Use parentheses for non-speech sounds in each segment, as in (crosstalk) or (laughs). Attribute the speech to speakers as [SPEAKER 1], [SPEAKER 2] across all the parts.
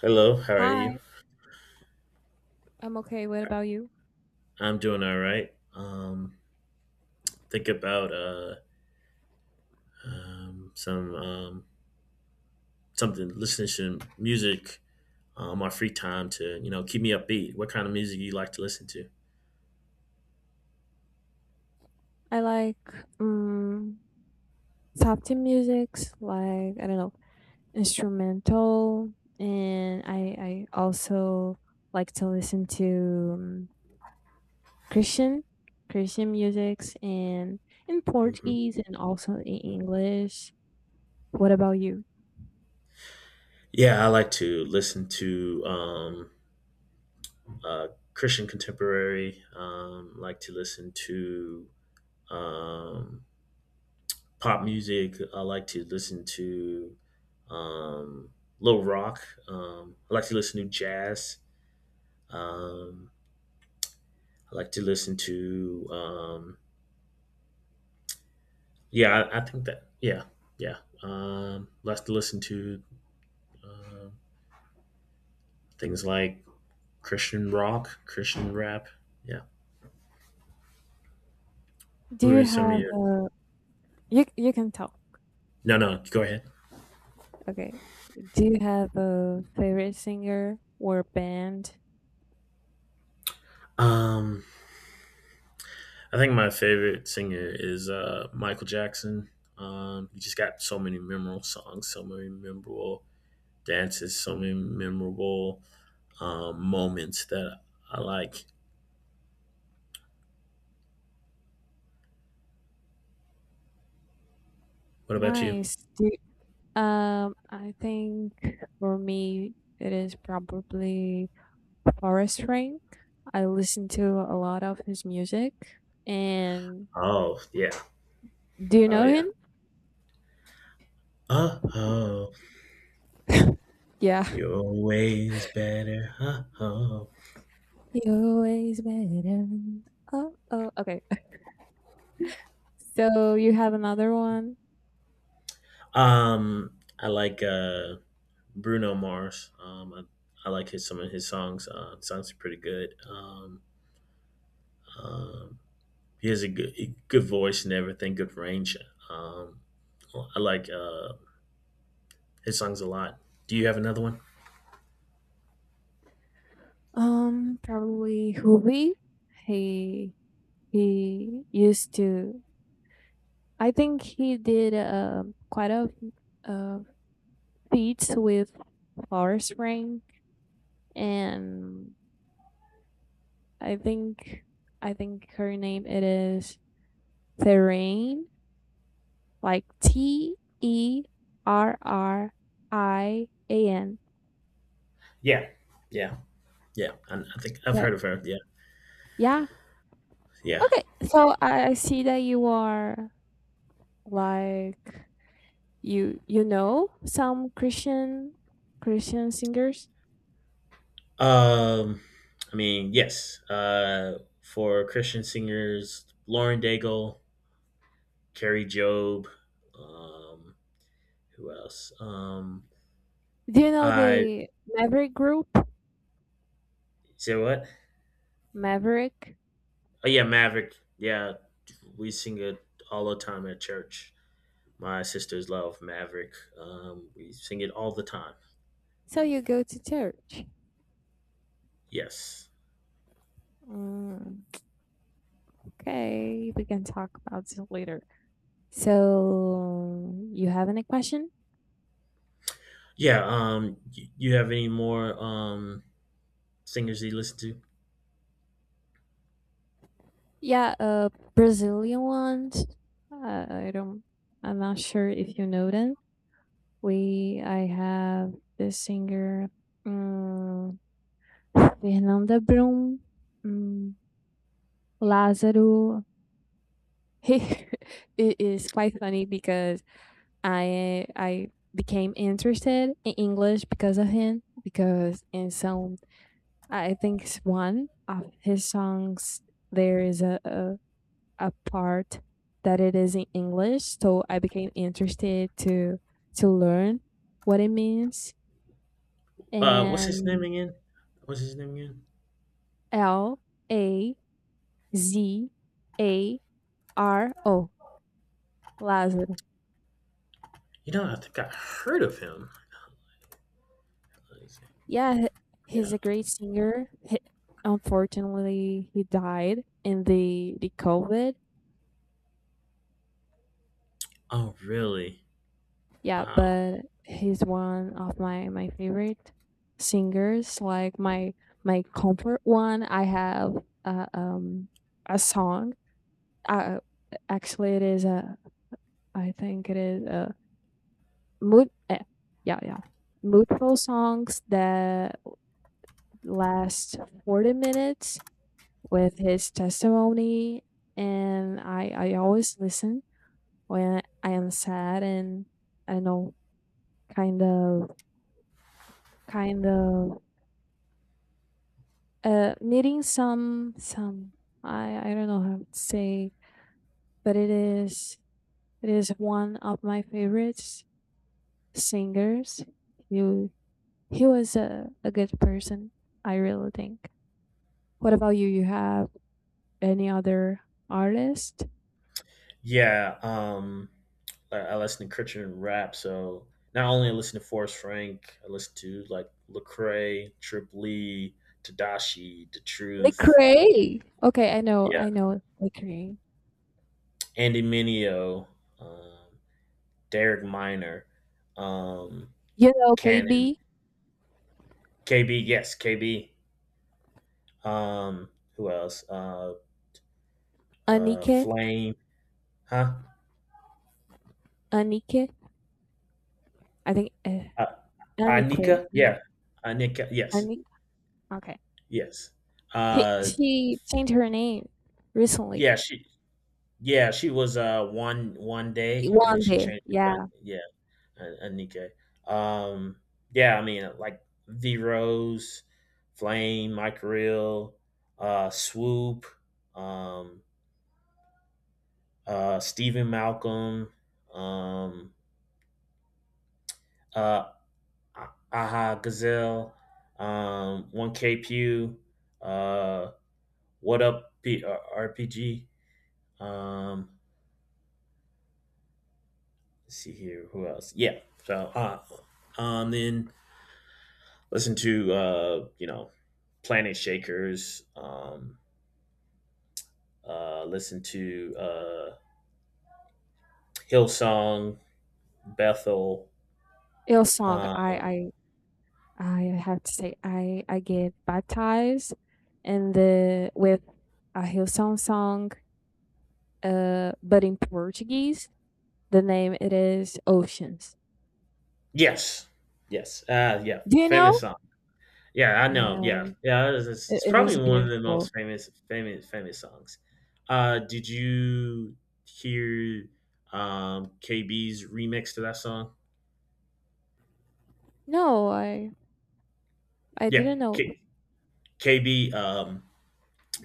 [SPEAKER 1] Hello, how are you?
[SPEAKER 2] Hi, I'm okay. What about you?
[SPEAKER 1] I'm doing all right. Think about um, some um, something, listening to music on my free time to keep me upbeat. What kind of music you like to listen to?
[SPEAKER 2] I like um Latin musics, like I don't know, instrumental, and I also like to listen to Christian Christian musics, and in
[SPEAKER 1] Hmm.
[SPEAKER 2] Portuguese and also in English. What about you?
[SPEAKER 1] Yeah, I like to listen to uh, Christian contemporary. Like to listen to um, pop music. I like to listen to um, little rock. I like to listen to jazz. Um, I like to listen to. Yeah, I think that. Yeah, yeah. Like to listen to uh, things like Christian rock, Christian rap. Yeah.
[SPEAKER 2] Do
[SPEAKER 1] Who are
[SPEAKER 2] you
[SPEAKER 1] some of
[SPEAKER 2] have
[SPEAKER 1] your?
[SPEAKER 2] a— you can tell.
[SPEAKER 1] No, no. Go ahead.
[SPEAKER 2] Okay. Do you have a favorite singer or band?
[SPEAKER 1] Um, I think my favorite singer is Michael Jackson. He just got so many memorable songs, so many memorable dances, so many memorable moments that I like. What about you?
[SPEAKER 2] Nice. Do I think for me, it is probably Forest Frank. I listen to a lot of his music. And
[SPEAKER 1] Oh yeah,
[SPEAKER 2] do you
[SPEAKER 1] oh
[SPEAKER 2] know
[SPEAKER 1] yeah.
[SPEAKER 2] him?
[SPEAKER 1] Uh oh.
[SPEAKER 2] Yeah.
[SPEAKER 1] You're always better. Huh, huh.
[SPEAKER 2] You're always better. Oh, oh, okay. (laughs) So you have another one.
[SPEAKER 1] I like Bruno Mars. I like his some of his songs. Songs are pretty good. Um, he has a good voice and everything. Good range. Um, I like his songs a lot. Do you have another one?
[SPEAKER 2] Probably Hoovy. He he used to. I think he did quite a uh, feats with Forest Frank, and I think I think her name it is Therain, like Terrian.
[SPEAKER 1] Yeah. Yeah, yeah. I think I've
[SPEAKER 2] So
[SPEAKER 1] heard of her. Yeah,
[SPEAKER 2] yeah.
[SPEAKER 1] yeah.
[SPEAKER 2] Okay. So I see that you are, like, you know some Christian singers.
[SPEAKER 1] Um, I mean, yes. For Christian singers, Lauren Daigle, Carrie Job. Um, who else?
[SPEAKER 2] Do you know
[SPEAKER 1] I
[SPEAKER 2] the Maverick group?
[SPEAKER 1] say what?
[SPEAKER 2] Maverick.
[SPEAKER 1] Oh yeah, Maverick. Yeah, we sing it all the time at church. My sisters love Maverick. We sing it all the time.
[SPEAKER 2] So you go to church.
[SPEAKER 1] Yes.
[SPEAKER 2] Mm, okay, we can talk about this later. So you have any question?
[SPEAKER 1] Yeah. You have any more singers that you listen to?
[SPEAKER 2] Yeah, Brazilian ones. I don't. I'm not sure if you know them. We I have the singer, um, Fernanda Brum, um, Lázaro. (laughs) It is quite funny because I became interested in English because of him, because in some— I think it's one of his songs— there is a part that it is in English, so I became interested to learn what it means.
[SPEAKER 1] What's his name
[SPEAKER 2] And
[SPEAKER 1] again? What's his name again?
[SPEAKER 2] L A Z A R O, Lazaro.
[SPEAKER 1] You know, I think I heard of him. Let me see.
[SPEAKER 2] Yeah, he's
[SPEAKER 1] Yeah.
[SPEAKER 2] a great singer. He, unfortunately, he died in the COVID.
[SPEAKER 1] Oh, really?
[SPEAKER 2] Yeah,
[SPEAKER 1] Wow.
[SPEAKER 2] but he's one of my favorite singers. Like my comfort one. I have uh, um a song. Uh, Actually, it is a— I think it is a mood. Yeah, yeah, moodful songs that last 40 minutes with his testimony, and I always listen when I am sad, and I don't know, kind of kind of knitting some I don't know how to say, but it is one of my favorites singers. You He was a good person, I really think. What about you? You have any other artist?
[SPEAKER 1] Yeah, I listen to Christian rap, so not only I listen to Forrest Frank, I listen to like Lecrae, Trip Lee, Tadashi, The Truth,
[SPEAKER 2] Lecrae. Okay, I know,
[SPEAKER 1] yeah,
[SPEAKER 2] I know Lecrae.
[SPEAKER 1] Andy Mineo, um, Derek Minor, um,
[SPEAKER 2] You know
[SPEAKER 1] Cannon,
[SPEAKER 2] KB.
[SPEAKER 1] KB, yes, KB. Um, who else?
[SPEAKER 2] Anike,
[SPEAKER 1] Flame, huh?
[SPEAKER 2] Anike. I think,
[SPEAKER 1] Uh,
[SPEAKER 2] Anike,
[SPEAKER 1] Anika, yeah, Anika, yes,
[SPEAKER 2] Anike. Okay.
[SPEAKER 1] yes.
[SPEAKER 2] He,
[SPEAKER 1] Uh,
[SPEAKER 2] she changed her name recently.
[SPEAKER 1] yeah, she yeah, she was one
[SPEAKER 2] E
[SPEAKER 1] day, and then
[SPEAKER 2] one
[SPEAKER 1] she
[SPEAKER 2] day,
[SPEAKER 1] changed it to
[SPEAKER 2] yeah.
[SPEAKER 1] Yeah, Anike. Um, yeah, I mean like V Rose, Flame, Mike Real, Swoop, um, Stephen Malcolm, um, uh, Aha Gazelle, One K Pew, uh, What Up RPG. Um, let's see here, who else? Yeah, so then. Listen to Planet Shakers, listen to Hillsong, Bethel.
[SPEAKER 2] Hillsong.
[SPEAKER 1] Uh,
[SPEAKER 2] I have to say, I get baptized and the with a Hillsong song, but in Portuguese, the name it is Oceans.
[SPEAKER 1] yes, yes, yeah,
[SPEAKER 2] Do you
[SPEAKER 1] famous
[SPEAKER 2] know?
[SPEAKER 1] song. Yeah, I know.
[SPEAKER 2] Yeah,
[SPEAKER 1] Yeah, yeah, it's, it's
[SPEAKER 2] it,
[SPEAKER 1] it's
[SPEAKER 2] it
[SPEAKER 1] probably
[SPEAKER 2] is
[SPEAKER 1] one of the
[SPEAKER 2] beautiful.
[SPEAKER 1] most famous, famous, famous songs. Did you hear KB's remix to that song?
[SPEAKER 2] No, I
[SPEAKER 1] Yeah,
[SPEAKER 2] didn't know.
[SPEAKER 1] KB.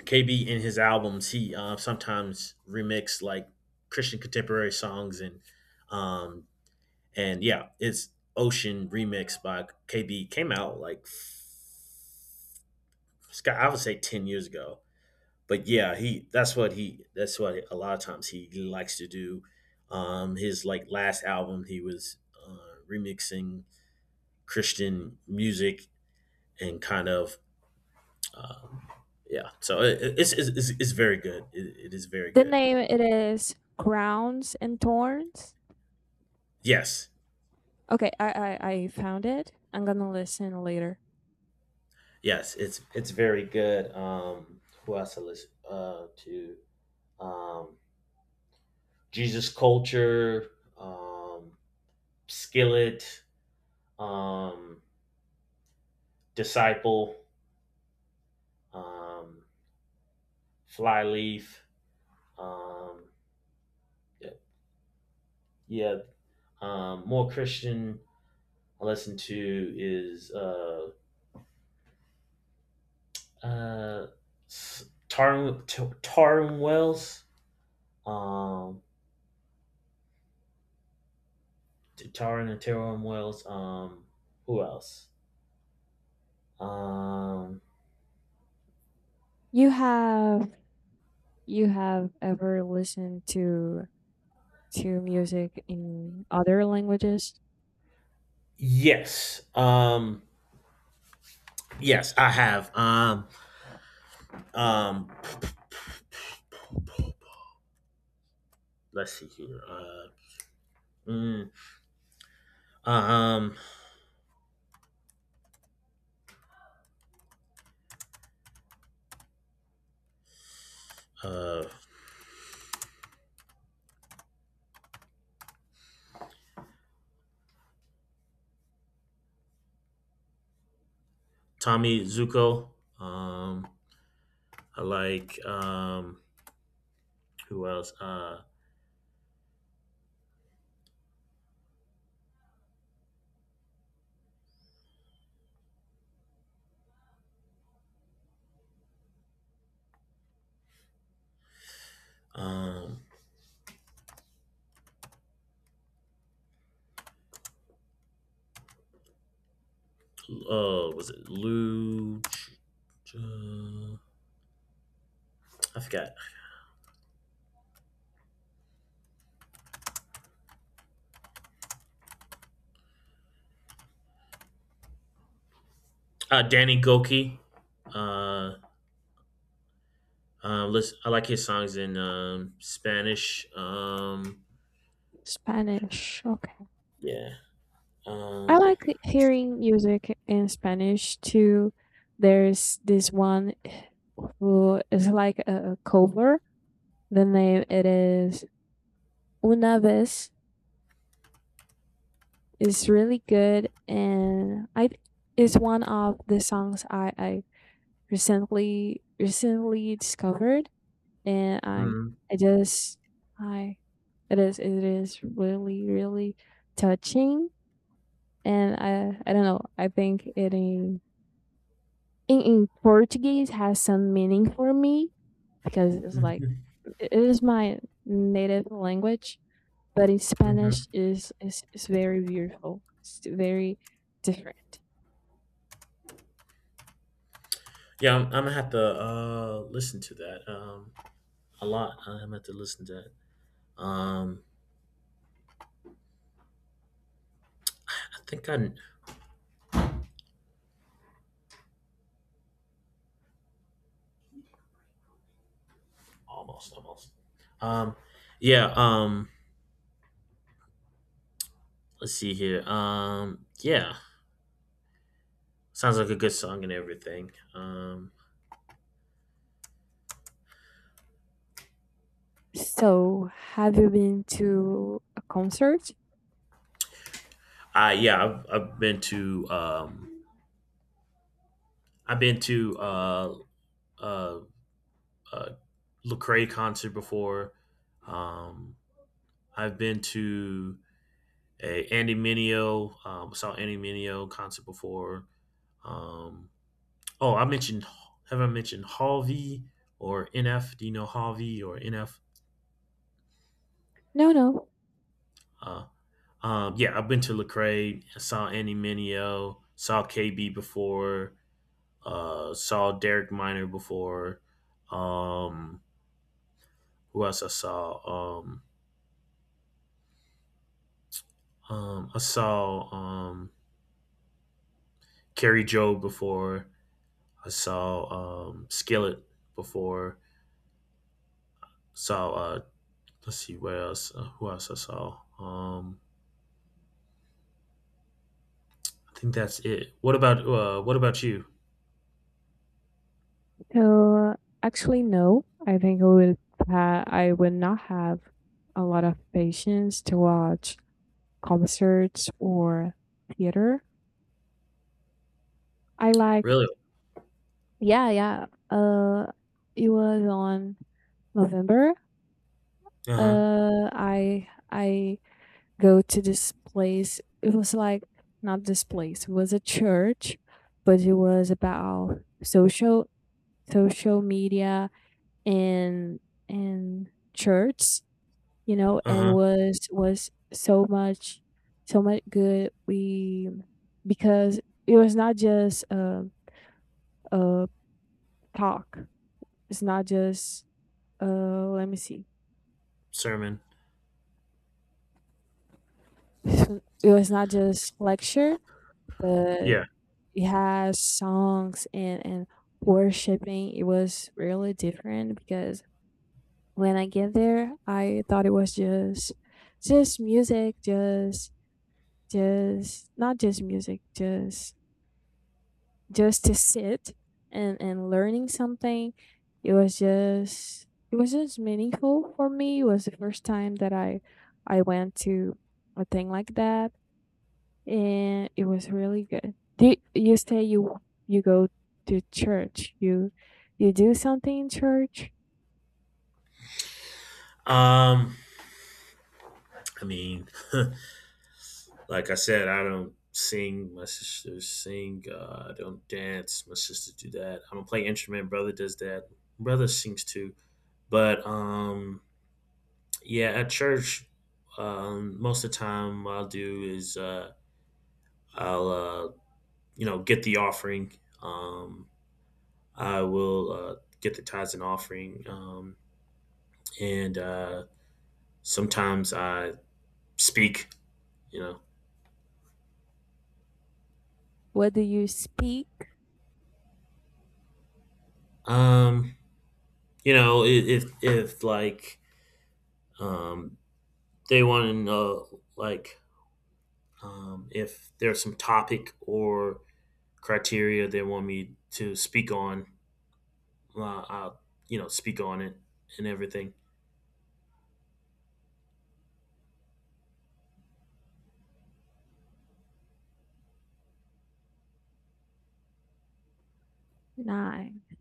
[SPEAKER 1] KB in his albums, he sometimes remix like Christian contemporary songs um and yeah, it's Ocean remix by KB came out like I would say 10 years ago. But yeah, he that's what a lot of times he likes to do. His like last album, he was uh, remixing Christian music and kind of um yeah. So it's very good. It is very
[SPEAKER 2] The
[SPEAKER 1] good.
[SPEAKER 2] name it is Crowns and Thorns.
[SPEAKER 1] Yes.
[SPEAKER 2] Okay, I found it. I'm gonna listen later.
[SPEAKER 1] Yes, it's very good. Who else I listen to? Um, Jesus Culture, um, Skillet, um, Disciple, um, Flyleaf. Um, yeah, yeah. More Christian I listen to is uh, Tarun Tarun Wells, um, Tarun and Tarun Wells. Who else? Um,
[SPEAKER 2] You have you have ever listened to music in other languages?
[SPEAKER 1] yes. Yes, I have. Um, let's see here. Mm, um, uh, Tommy Zuko. Um, I like. Who else? Um, was it Lou? uh, I forgot. Danny Goki. Uh, Listen, I like his songs in Spanish.
[SPEAKER 2] Spanish. Okay.
[SPEAKER 1] Yeah.
[SPEAKER 2] I
[SPEAKER 1] Um,
[SPEAKER 2] like hearing music in Spanish too. There's this one who is like a cover. The name it is Una vez. It's really good, and I it's one of the songs I recently discovered, and I
[SPEAKER 1] mm.
[SPEAKER 2] I just I it is really really touching, and I don't know. I think it in in Portuguese has some meaning for me, because it's like
[SPEAKER 1] (laughs)
[SPEAKER 2] it is my native language, but in
[SPEAKER 1] Mhm.
[SPEAKER 2] Spanish is very beautiful. It's very different.
[SPEAKER 1] Yeah, I'm gonna have to listen to that a lot. I'm gonna have to listen to that. Um, I think almost, almost. Um, yeah. Let's see here. Yeah, sounds like a good song and everything.
[SPEAKER 2] So, have you been to a concert?
[SPEAKER 1] I Yeah, I've been to I've been to uh, uh, uh, Lecrae concert before. Um, I've been to a Andy Mineo. Saw Andy Mineo concert before. Um, oh, I mentioned have I mentioned Halvey or NF? Do you know Halvey or NF?
[SPEAKER 2] No, no.
[SPEAKER 1] Uh, yeah, I've been to Lecrae. I saw Andy Minio. Saw KB before. Saw Derek Miner before. Um, who else I saw? I saw Carrie Joe before. I saw Skillet before. Saw let's see what else. Who else I saw? I think that's it. What about you?
[SPEAKER 2] So actually, no. I think I would not have a lot of patience to watch concerts or theater. I like
[SPEAKER 1] Really?
[SPEAKER 2] Yeah, yeah. Uh, it was on November.
[SPEAKER 1] Uh huh.
[SPEAKER 2] I go to this place. It was like— not this place. It was a church, but it was about social media and church. You know,
[SPEAKER 1] Uh
[SPEAKER 2] and it
[SPEAKER 1] huh.
[SPEAKER 2] was so much good. We Because it was not just a talk. It's not just— let me see.
[SPEAKER 1] Sermon.
[SPEAKER 2] (laughs) It was not just lecture, but
[SPEAKER 1] Yeah.
[SPEAKER 2] it has songs and worshiping. It was really different because when I get there, I thought it was just music, just not just music, just to sit and learning something. It was just it was just meaningful for me. It was the first time that I went to a thing like that, and it was really good. Do you say you go to church? You do something in church?
[SPEAKER 1] Um. I mean, (laughs) like I said, I don't sing. My sisters sing. I don't dance. My sisters do that. I don't play instrument. Brother does that. Brother sings too. But yeah, at church, most of the time what I'll do is I'll get the offering. Um, I will get the tithes and offering. And sometimes I speak. You
[SPEAKER 2] What do you speak?
[SPEAKER 1] know, um, if like um, they want to know, like if there's some topic or criteria they want me to speak on, I'll speak on it and everything.
[SPEAKER 2] Nice,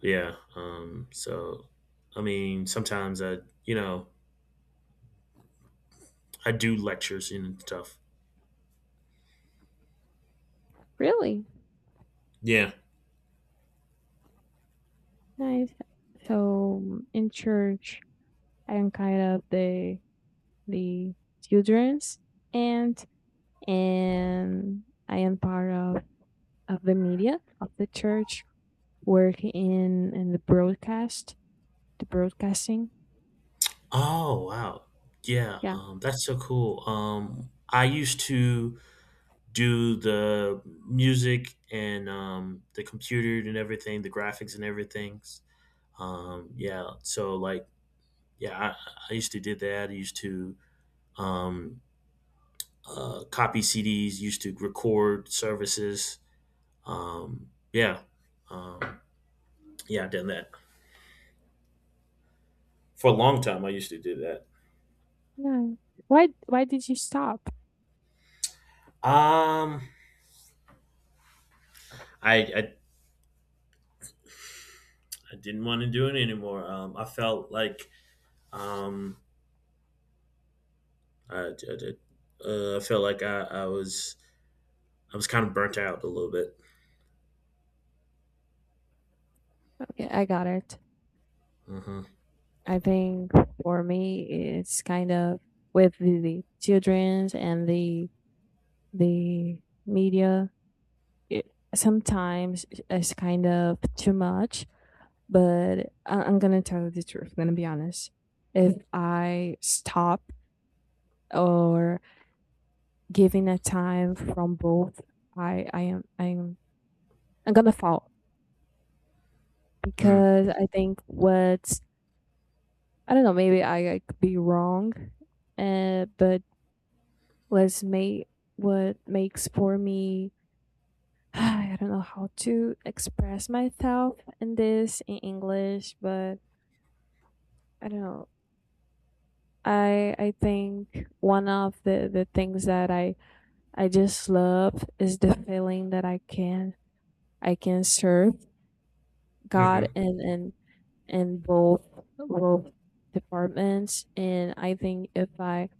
[SPEAKER 1] Yeah. So, I mean, sometimes I you know I do lectures and stuff.
[SPEAKER 2] really
[SPEAKER 1] Yeah.
[SPEAKER 2] nice. So in church, I'm kind of the the children's, and and I am part of the media of the church, work in the broadcast, the broadcasting.
[SPEAKER 1] Oh wow. Yeah,
[SPEAKER 2] Yeah.
[SPEAKER 1] that's so cool. I used to do the music and the computer and everything, the graphics and everything. Yeah, so like, yeah, I used to do that. I used to um, copy CDs, used to record services. Yeah, um, yeah, I've done that for a long time. I used to do that.
[SPEAKER 2] No. Why did you stop?
[SPEAKER 1] Um, I, I I didn't want to do it anymore. I felt like. Um, I did. I felt like I was kind of burnt out a little bit.
[SPEAKER 2] Yeah, I got it.
[SPEAKER 1] Mm-hmm.
[SPEAKER 2] I think for me, it's kind of with the childrens and the media. It sometimes it's kind of too much, but I'm gonna tell you the truth. I'm gonna be honest. If I stop, or giving a time from both, I I am I'm I'm gonna fall, because I think what— I don't know. Maybe I could be wrong, but was made what makes for me— (sighs) I don't know how to express myself in this in English, but I don't know. I think one of the things that I just love is the feeling that I can serve
[SPEAKER 1] Mm-hmm.
[SPEAKER 2] God in in both departments, and I think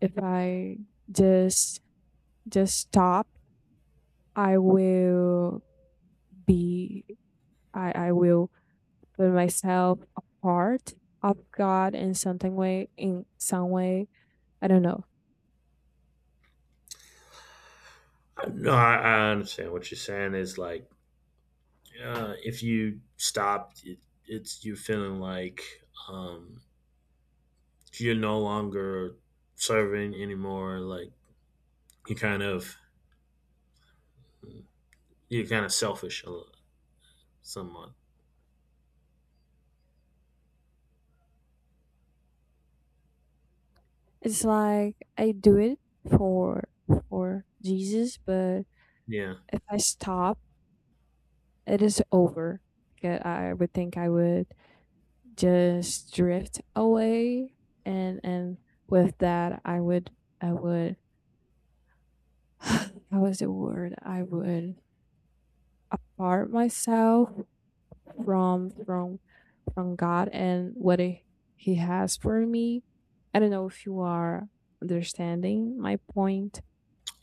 [SPEAKER 2] if I just just stop, I will be— I will put myself a part of God in something way, in some way. I don't know.
[SPEAKER 1] No, I understand what you're saying. Is like if you stop, it's you feeling like um, you're no longer serving anymore. Like you kind of you're kind of selfish somewhat.
[SPEAKER 2] It's like I do it for for Jesus, but
[SPEAKER 1] Yeah,
[SPEAKER 2] if I stop, it is over. Because I would think I would just drift away, and with that, I would (sighs) how was the word? I would apart myself from from God and what he has for me. I don't know if you are understanding my point.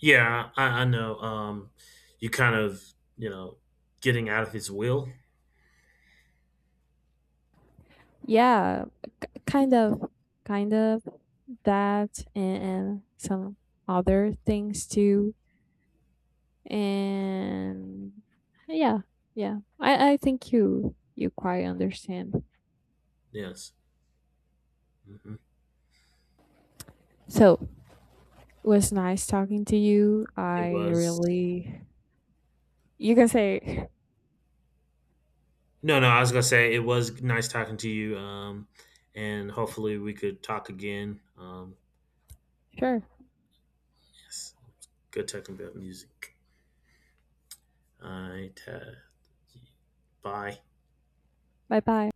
[SPEAKER 1] yeah, I know. You kind of you know getting out of his will.
[SPEAKER 2] Yeah, kind of kind of that, and some other things too. And yeah, yeah. I think you quite understand.
[SPEAKER 1] Yes. Hmm.
[SPEAKER 2] So it was nice talking to you.
[SPEAKER 1] It
[SPEAKER 2] I
[SPEAKER 1] was.
[SPEAKER 2] really— you can say.
[SPEAKER 1] No, no, I was gonna say it was nice talking to you. And hopefully we could talk again.
[SPEAKER 2] (laughs) Sure.
[SPEAKER 1] Yes, good talking about music. I ta- Bye.
[SPEAKER 2] Bye bye.